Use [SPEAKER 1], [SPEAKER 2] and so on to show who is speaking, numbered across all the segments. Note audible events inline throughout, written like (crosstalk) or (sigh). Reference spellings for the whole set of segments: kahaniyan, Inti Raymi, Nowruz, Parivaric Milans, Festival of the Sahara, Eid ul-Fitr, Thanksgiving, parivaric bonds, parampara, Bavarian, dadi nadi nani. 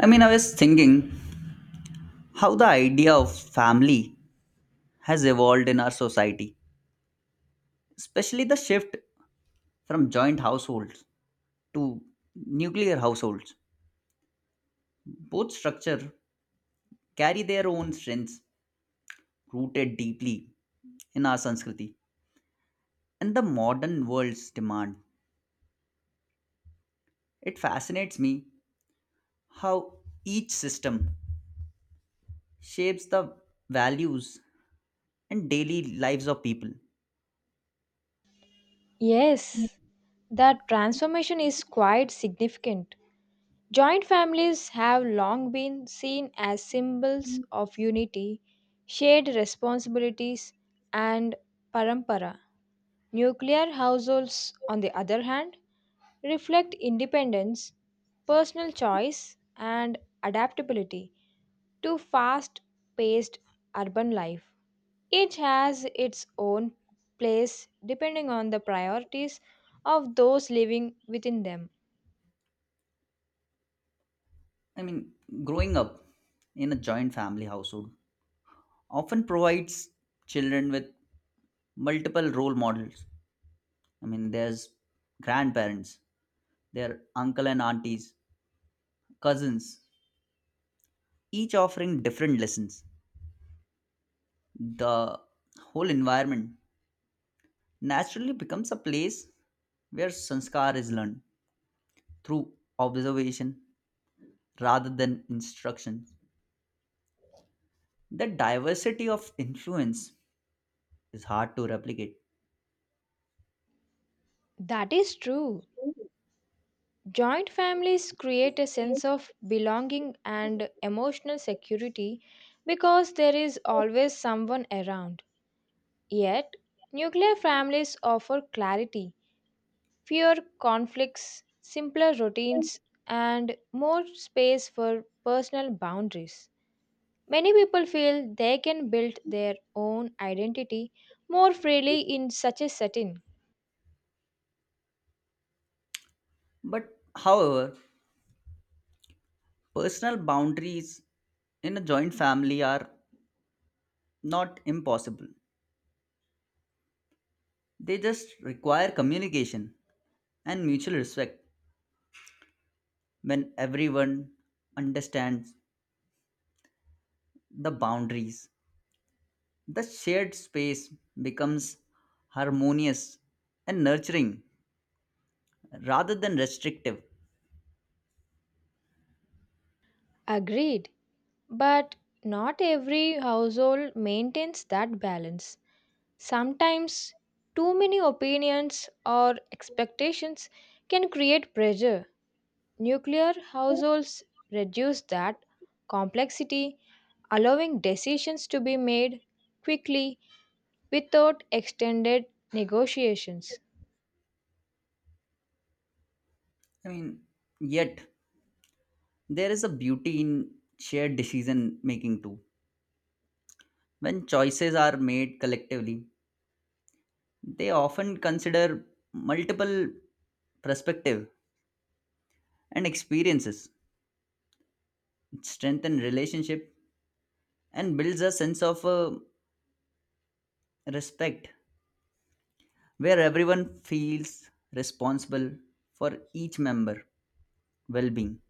[SPEAKER 1] I was thinking how the idea of family has evolved in our society, especially the shift from joint households to nuclear households. Both structure carry their own strengths rooted deeply in our Sanskriti and the modern world's demand. It fascinates me how each system shapes the values and daily lives of people.
[SPEAKER 2] Yes, that transformation is quite significant. Joint families have long been seen as symbols of unity, shared responsibilities, and parampara. Nuclear households, on the other hand, reflect independence, personal choice, and adaptability to fast paced urban life. Each has its own place depending on the priorities of those living within them.
[SPEAKER 1] I mean, growing up in a joint family household often provides children with multiple role models. There's grandparents, their uncle and aunties, cousins, each offering different lessons. The whole environment naturally becomes a place where sanskar is learned through observation rather than instruction. The diversity of influence is hard to replicate.
[SPEAKER 2] That is true. Joint families create a sense of belonging and emotional security because there is always someone around. Yet, nuclear families offer clarity, fewer conflicts, simpler routines, and more space for personal boundaries. Many people feel they can build their own identity more freely in such a setting.
[SPEAKER 1] But however, personal boundaries in a joint family are not impossible. They just require communication and mutual respect. When everyone understands the boundaries, the shared space becomes harmonious and nurturing rather than restrictive.
[SPEAKER 2] Agreed, but not every household maintains that balance. Sometimes, too many opinions or expectations can create pressure. Nuclear households reduce that complexity, allowing decisions to be made quickly without extended negotiations.
[SPEAKER 1] I mean, yet there is a beauty in shared decision making too. When choices are made collectively, they often consider multiple perspectives and experiences, strengthen relationship and builds a sense of respect where everyone feels responsible for each member well being.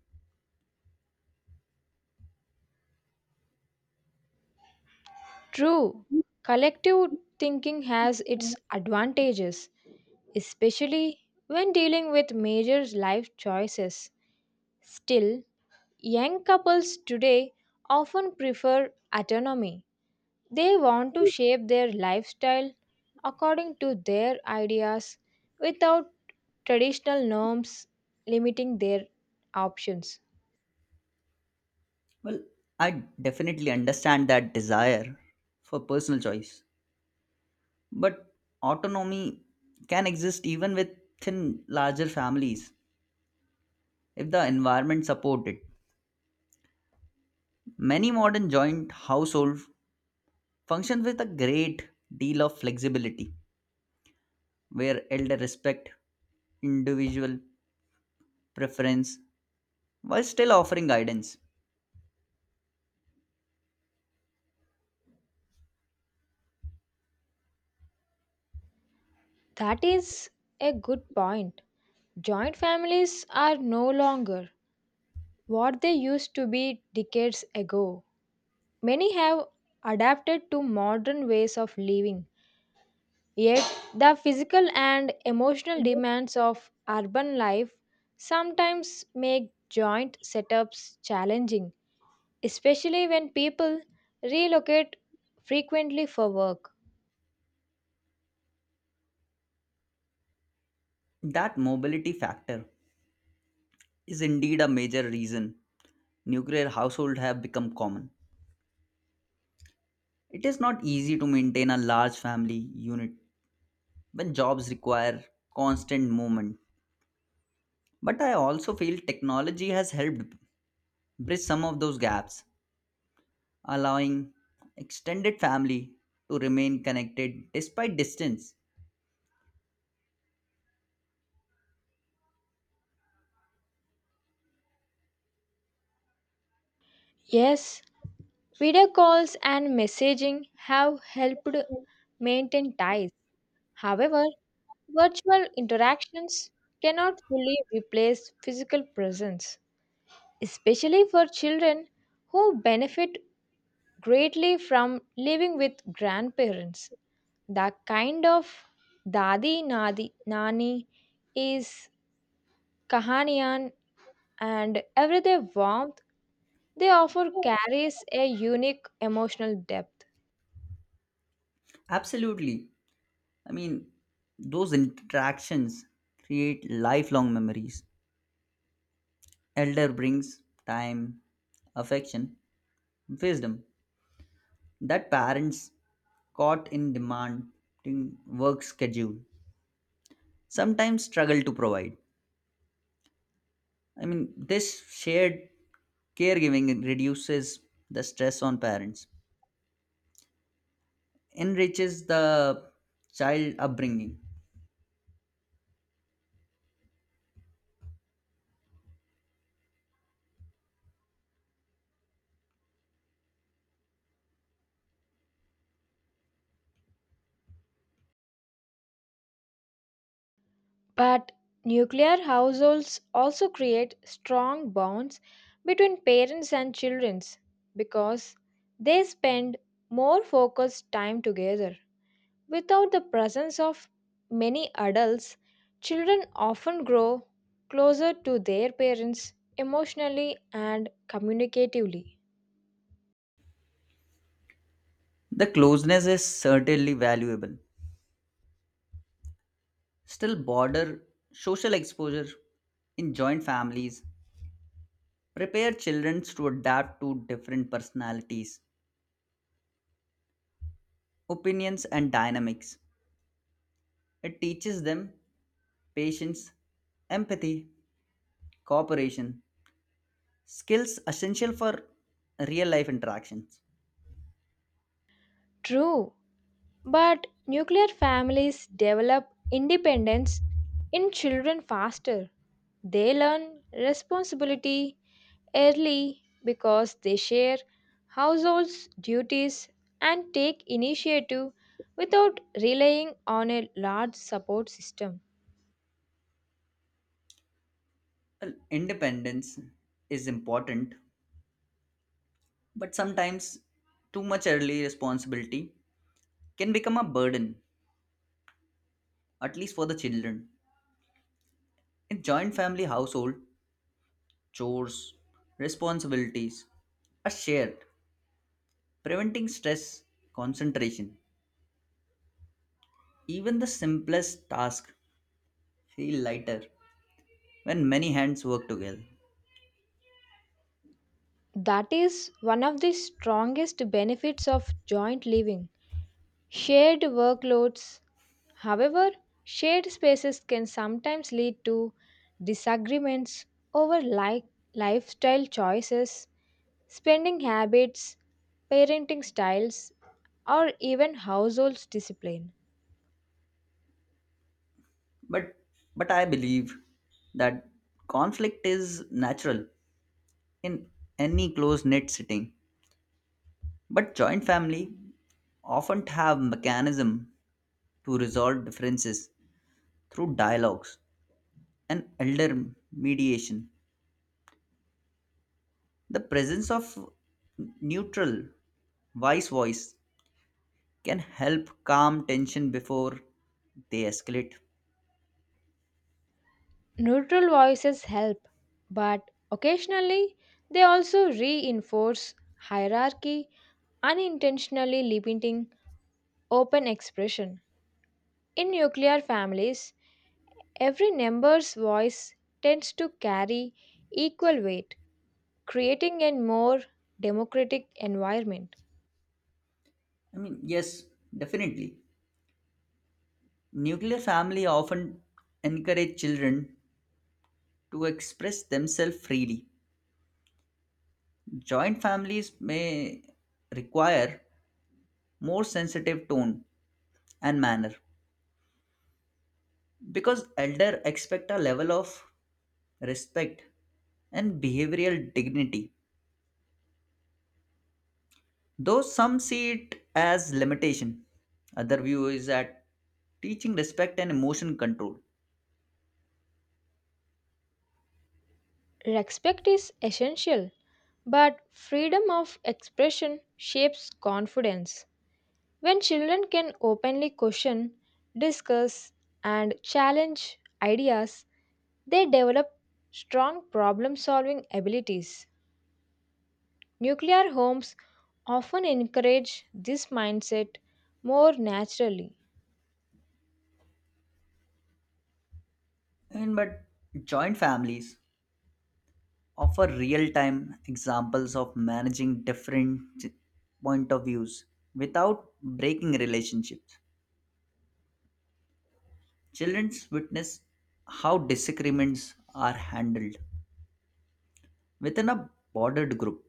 [SPEAKER 2] True, collective thinking has its advantages, especially when dealing with major life choices. Still, young couples today often prefer autonomy. They want to shape their lifestyle according to their ideas without traditional norms limiting their options.
[SPEAKER 1] Well, I definitely understand that desire for personal choice, but autonomy can exist even within larger families if the environment supports it. Many modern joint households function with a great deal of flexibility where elder respect individual preference while still offering guidance.
[SPEAKER 2] That is a good point. Joint families are no longer what they used to be decades ago. Many have adapted to modern ways of living. Yet, the physical and emotional demands of urban life sometimes make joint setups challenging, especially when people relocate frequently for work.
[SPEAKER 1] That mobility factor is indeed a major reason nuclear households have become common. It is not easy to maintain a large family unit when jobs require constant movement. But I also feel technology has helped bridge some of those gaps, allowing extended family to remain connected despite distance.
[SPEAKER 2] Yes, video calls and messaging have helped maintain ties. However, virtual interactions cannot fully replace physical presence, especially for children who benefit greatly from living with grandparents. The kind of dadi nadi nani is kahaniyan and everyday warmth they offer carries a unique emotional depth.
[SPEAKER 1] Absolutely. I mean, those interactions create lifelong memories. Elder brings time, affection, wisdom that parents caught in demanding work schedule sometimes struggle to provide. This shared caregiving reduces the stress on parents, enriches the child upbringing.
[SPEAKER 2] But nuclear households also create strong bonds between parents and children because they spend more focused time together. Without the presence of many adults, children often grow closer to their parents emotionally and communicatively.
[SPEAKER 1] The closeness is certainly valuable, still border social exposure in joint families prepare children to adapt to different personalities opinions and dynamics. It teaches them patience, empathy, cooperation, skills essential for real life interactions.
[SPEAKER 2] True, but nuclear families develop independence in children faster. They learn responsibility early because they share household's duties and take initiative without relying on a large support system.
[SPEAKER 1] Well, independence is important, but sometimes too much early responsibility can become a burden. At least for the children in joint family household, chores, responsibilities are shared, preventing stress, concentration. Even the simplest tasks feel lighter when many hands work together.
[SPEAKER 2] That is one of the strongest benefits of joint living. Shared workloads, however, shared spaces can sometimes lead to disagreements over lifestyle choices, spending habits, parenting styles, or even household discipline.
[SPEAKER 1] But but I believe that conflict is natural in any close-knit setting. But joint family often have mechanism to resolve differences through dialogues and elder mediation. The presence of neutral, wise voice can help calm tension before they escalate.
[SPEAKER 2] Neutral voices help, but occasionally they also reinforce hierarchy, unintentionally limiting open expression. In nuclear families, every member's voice tends to carry equal weight, creating a more democratic environment.
[SPEAKER 1] Yes, definitely. Nuclear family often encourage children to express themselves freely. Joint families may require more sensitive tone and manner because elder expect a level of respect and behavioral dignity. Though some see it as limitation, other view is that teaching respect and emotion control.
[SPEAKER 2] Respect is essential, but freedom of expression shapes confidence. When children can openly question, discuss, and challenge ideas, they develop strong problem solving abilities. Nuclear homes often encourage this mindset more naturally.
[SPEAKER 1] And but joint families offer real-time examples of managing different point of views without breaking relationships. Children witness how disagreements are handled within a bordered group,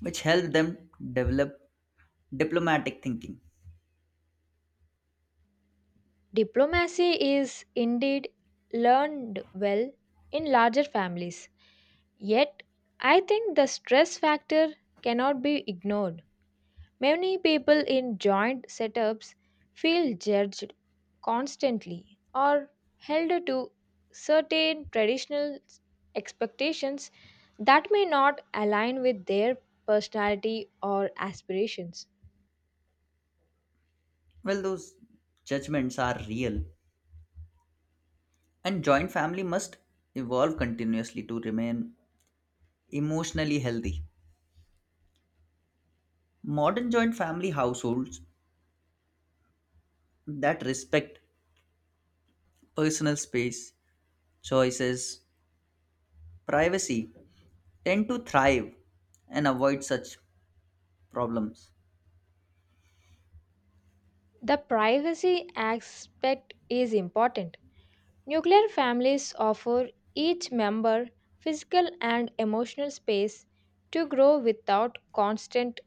[SPEAKER 1] which help them develop diplomatic thinking.
[SPEAKER 2] Diplomacy is indeed learned well in larger families, yet, I think the stress factor cannot be ignored. Many people in joint setups feel judged constantly or held to certain traditional expectations that may not align with their personality or aspirations.
[SPEAKER 1] Well, those judgments are real. And joint family must evolve continuously to remain emotionally healthy. Modern joint family households that respect personal space, choices, privacy tend to thrive and avoid such problems.
[SPEAKER 2] The privacy aspect is important. Nuclear families offer each member physical and emotional space to grow without constant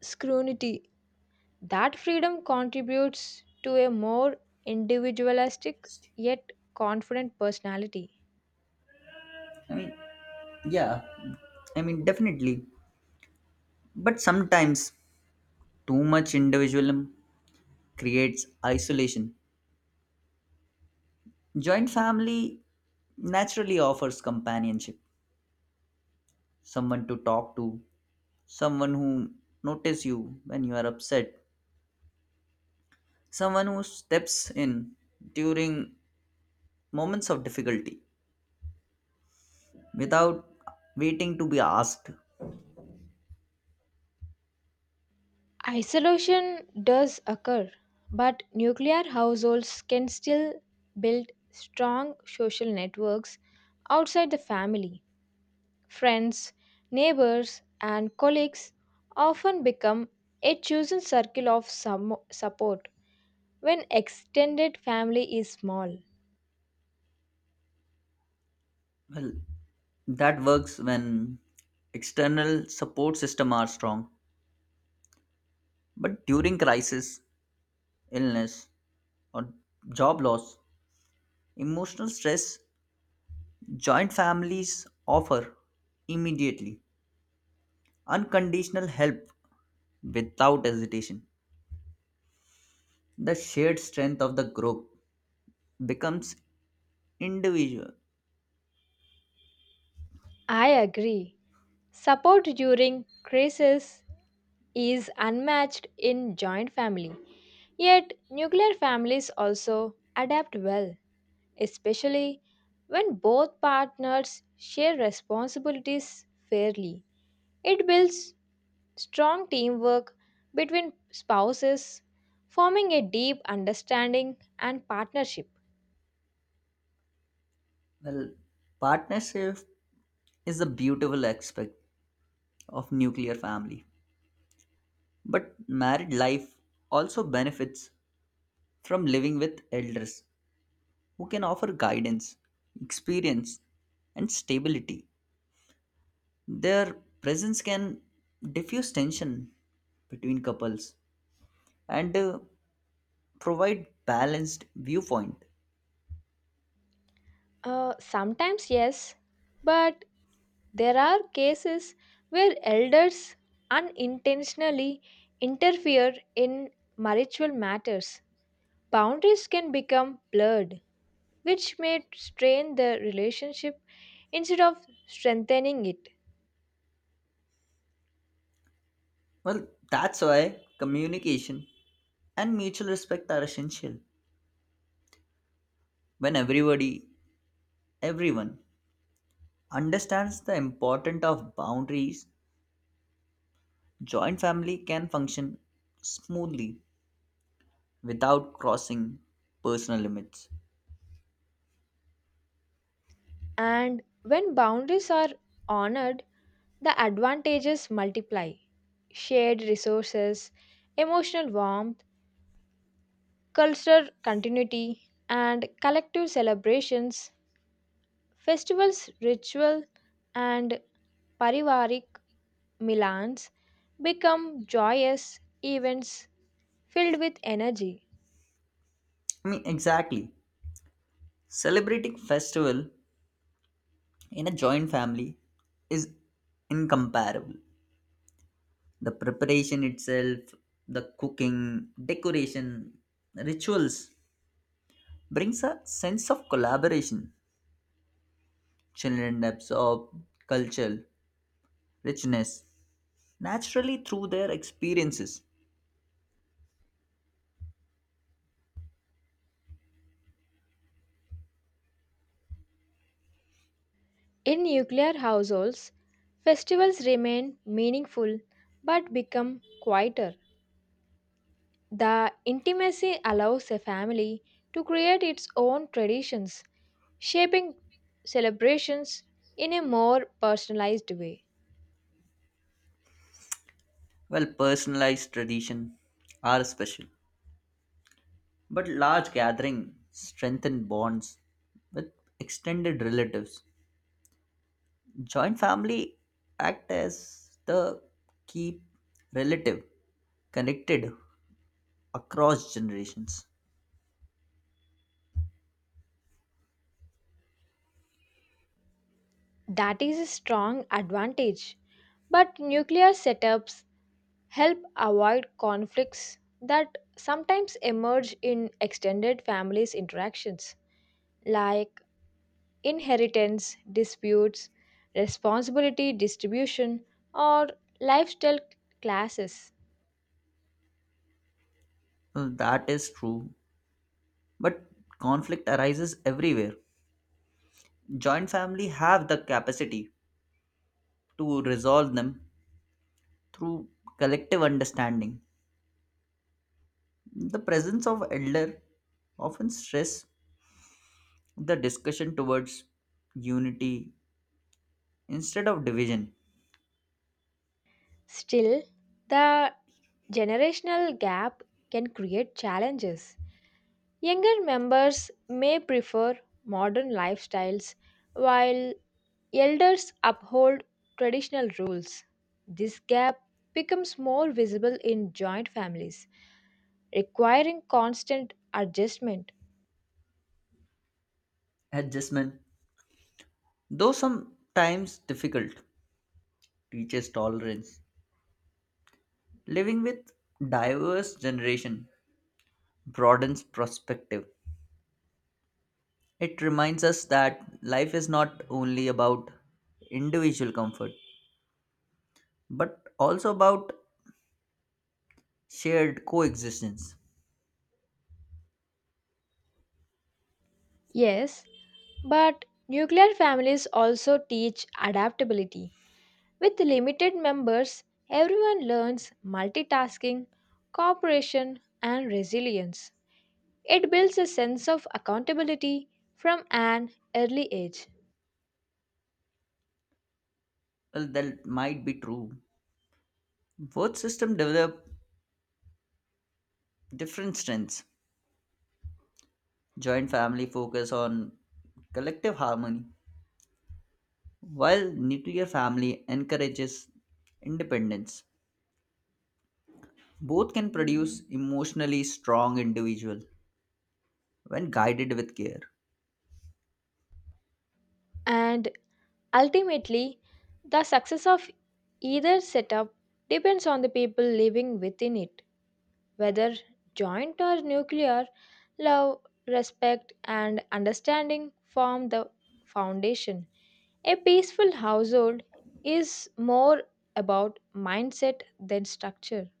[SPEAKER 2] scrutiny. That freedom contributes to a more individualistic yet confident personality.
[SPEAKER 1] I mean, yeah, definitely. But sometimes too much individualism creates isolation. Joint family naturally offers companionship, someone to talk to, someone who notices you when you are upset, someone who steps in during moments of difficulty without waiting to be asked.
[SPEAKER 2] Isolation does occur, but nuclear households can still build strong social networks outside the family. Friends, neighbors, and colleagues often become a chosen circle of some support when extended family is small.
[SPEAKER 1] Well, that works when external support system are strong, but during crisis, illness, or job loss, emotional stress, joint families offer immediately unconditional help without hesitation. The shared strength of the group becomes individual.
[SPEAKER 2] I agree. Support during crisis is unmatched in joint family. Yet, nuclear families also adapt well, especially when both partners share responsibilities fairly. It builds strong teamwork between spouses, forming a deep understanding and partnership.
[SPEAKER 1] Well, partnership is a beautiful aspect of nuclear family, but married life also benefits from living with elders who can offer guidance, experience, and stability. Their presence can diffuse tension between couples and provide balanced viewpoint.
[SPEAKER 2] Sometimes, yes, but there are cases where elders unintentionally interfere in marital matters. Boundaries can become blurred, which may strain the relationship instead of strengthening it.
[SPEAKER 1] Well, that's why communication and mutual respect are essential. When everybody everyone understands the importance of boundaries, joint family can function smoothly without crossing personal limits.
[SPEAKER 2] And when boundaries are honored, the advantages multiply. Shared resources, emotional warmth, cultural continuity, and collective celebrations, festivals, ritual, and Parivaric Milans become joyous events filled with energy.
[SPEAKER 1] Exactly. Celebrating festival in a joint family is incomparable. The preparation itself, the cooking, decoration, rituals brings a sense of collaboration. Children absorb cultural richness naturally through their experiences.
[SPEAKER 2] In nuclear households, festivals remain meaningful but become quieter. The intimacy allows a family to create its own traditions, shaping celebrations in a more personalized way.
[SPEAKER 1] Well, personalized tradition are special, but large gathering strengthen bonds with extended relatives. Joint family act as the keep relative connected across generations.
[SPEAKER 2] That is a strong advantage. But nuclear setups help avoid conflicts that sometimes emerge in extended families interactions, like inheritance disputes, responsibility distribution, or lifestyle classes.
[SPEAKER 1] Mm, that is true, but conflict arises everywhere. Joint family have the capacity to resolve them through collective understanding. The presence of elder often stress the discussion towards unity instead of division.
[SPEAKER 2] Still, the generational gap can create challenges. Younger members may prefer modern lifestyles while elders uphold traditional rules. This gap becomes more visible in joint families, requiring constant adjustment.
[SPEAKER 1] Adjustment, though sometimes difficult, teaches tolerance. Living with diverse generation broadens perspective. It reminds us that life is not only about individual comfort, but also about shared coexistence.
[SPEAKER 2] Yes, but nuclear families also teach adaptability. With limited members, everyone learns multitasking, cooperation, and resilience. It builds a sense of accountability from an early age.
[SPEAKER 1] Well, that might be true. Both systems develop different strengths. Joint family focus on collective harmony while nuclear family encourages independence, both can produce emotionally strong individual when guided with care.
[SPEAKER 2] And ultimately, the success of either setup depends on the people living within it, whether joint or nuclear. Love, respect, and understanding form the foundation. A peaceful household is more about mindset than structure.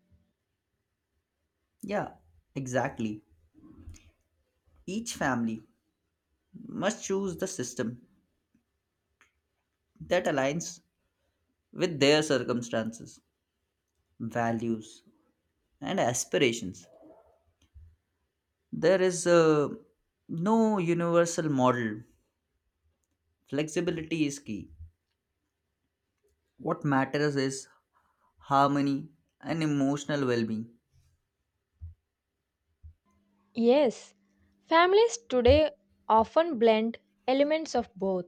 [SPEAKER 1] Yeah, exactly. Each family must choose the system that aligns with their circumstances, values, and aspirations. There is no universal model. Flexibility is key. What matters is harmony and emotional well-being.
[SPEAKER 2] Yes, families today often blend elements of both,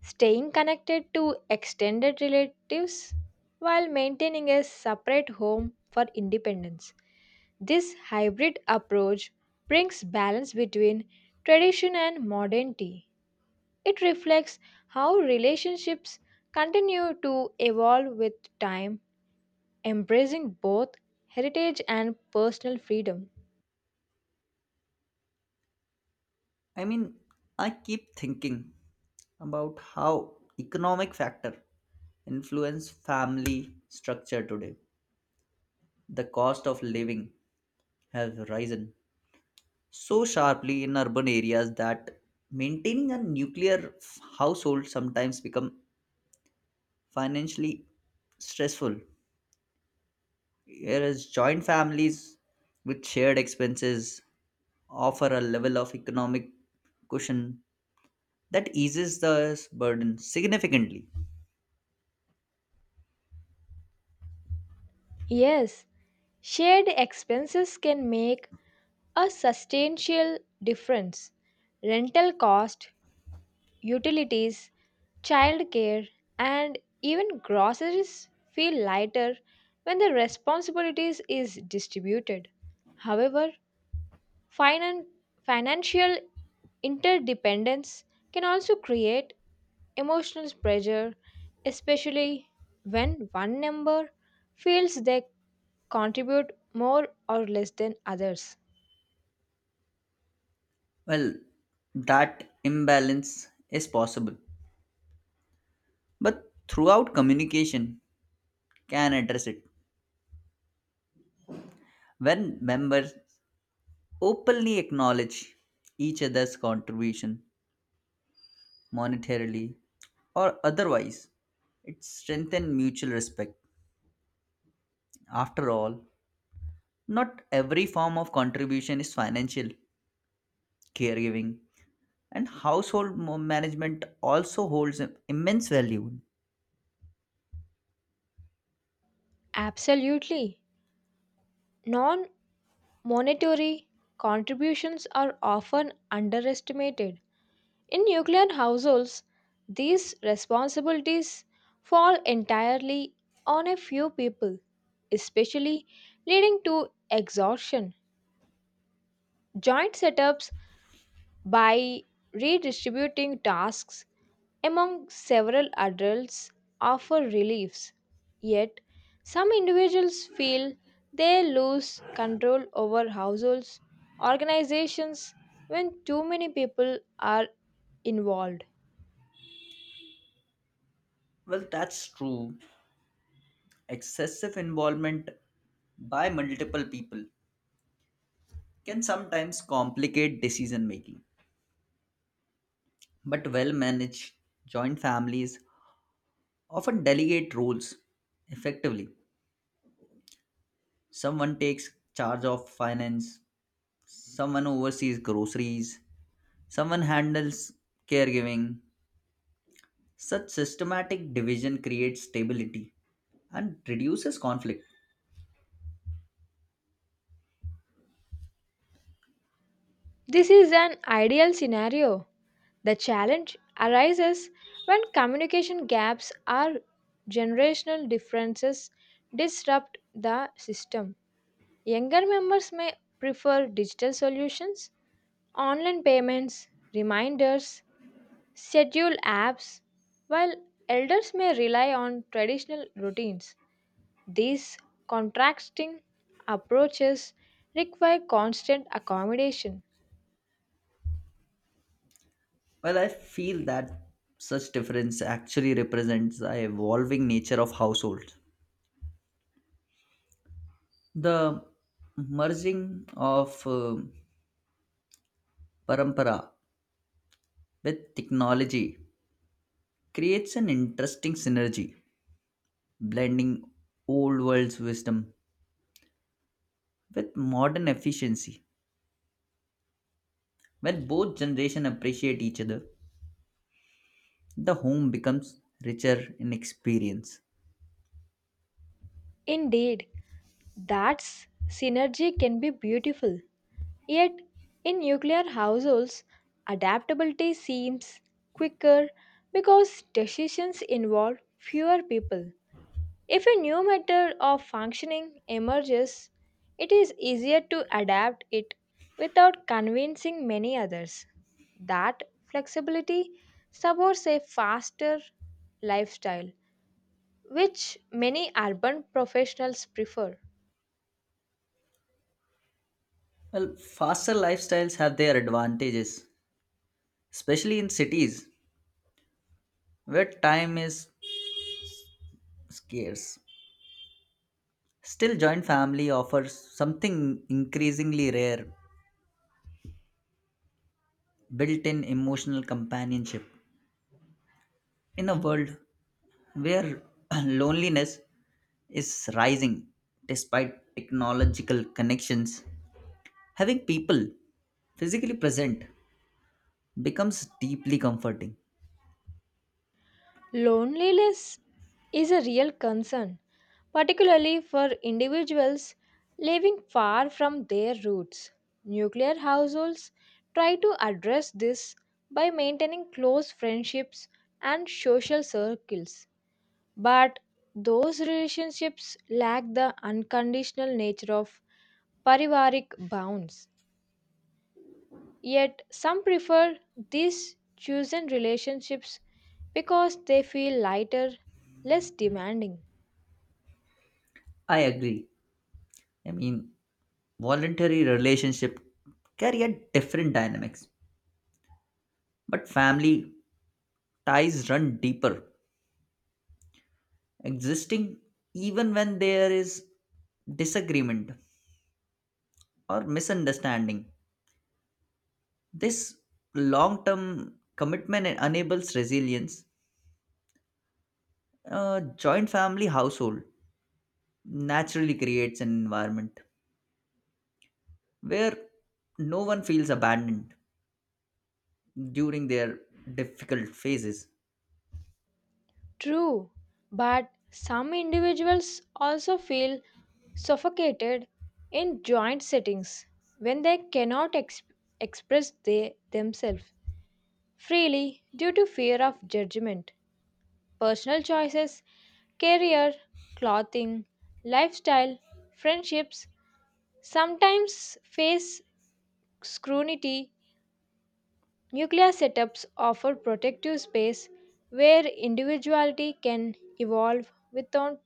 [SPEAKER 2] staying connected to extended relatives while maintaining a separate home for independence. This hybrid approach brings balance between tradition and modernity. It reflects how relationships continue to evolve with time, embracing both heritage and personal freedom.
[SPEAKER 1] I mean, I keep thinking about how economic factor influence family structure today. The cost of living has risen so sharply in urban areas that maintaining a household sometimes become financially stressful. Whereas joint families with shared expenses offer a level of economic cushion that eases the burden significantly.
[SPEAKER 2] Yes, shared expenses can make a substantial difference. Rental cost, utilities, childcare, and even groceries feel lighter when the responsibilities is distributed. However, finan- financial interdependence can also create emotional pressure, especially when one member feels they contribute more or less than others.
[SPEAKER 1] Well, that imbalance is possible, but throughout communication can address it. When members openly acknowledge each other's contribution monetarily or otherwise, it strengthens mutual respect. After all, not every form of contribution is financial, caregiving, and household management also holds immense value.
[SPEAKER 2] Absolutely. Non monetary contributions are often underestimated. In nuclear households, these responsibilities fall entirely on a few people, especially leading to exhaustion. Joint setups, by redistributing tasks among several adults, offer reliefs, yet, some individuals feel they lose control over households, organizations, when too many people are involved.
[SPEAKER 1] Well, that's true. Excessive involvement by multiple people can sometimes complicate decision making. But well managed joint families often delegate roles effectively. Someone takes charge of finance, someone oversees groceries, someone handles caregiving. Such systematic division creates stability and reduces conflict.
[SPEAKER 2] This is an ideal scenario. The challenge arises when communication gaps or generational differences disrupt the system. Younger members may prefer digital solutions, online payments, reminders, schedule apps, while elders may rely on traditional routines. These contrasting approaches require constant accommodation.
[SPEAKER 1] Well, I feel that such difference actually represents the evolving nature of households. The merging of parampara with technology creates an interesting synergy, blending old world's wisdom with modern efficiency. When both generations appreciate each other, the home becomes richer in experience.
[SPEAKER 2] Indeed, that's synergy can be beautiful. Yet, in nuclear households, adaptability seems quicker because decisions involve fewer people. If a new method of functioning emerges, it is easier to adapt it without convincing many others. That flexibility supports a faster lifestyle, which many urban professionals prefer.
[SPEAKER 1] Well, faster lifestyles have their advantages, especially in cities where time is scarce. Still, joint family offers something increasingly rare, built in emotional companionship. In a world where (clears throat) loneliness is rising despite technological connections, having people physically present becomes deeply comforting.
[SPEAKER 2] Loneliness is a real concern, particularly for individuals living far from their roots. Nuclear households try to address this by maintaining close friendships and social circles, but those relationships lack the unconditional nature of parivaric bonds. Yet, some prefer these chosen relationships because they feel lighter, less demanding.
[SPEAKER 1] I agree. I mean, voluntary relationship carry a different dynamics, but family ties run deeper, existing even when there is disagreement or misunderstanding. This long term commitment enables resilience. A joint family household naturally creates an environment where no one feels abandoned during their difficult phases.
[SPEAKER 2] True, but some individuals also feel suffocated in joint settings when they cannot express themselves freely due to fear of judgment. Personal choices, career, clothing, lifestyle, friendships sometimes face scrutiny. Nuclear setups offer protective space where individuality can evolve without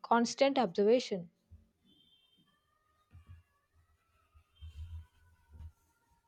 [SPEAKER 2] constant observation.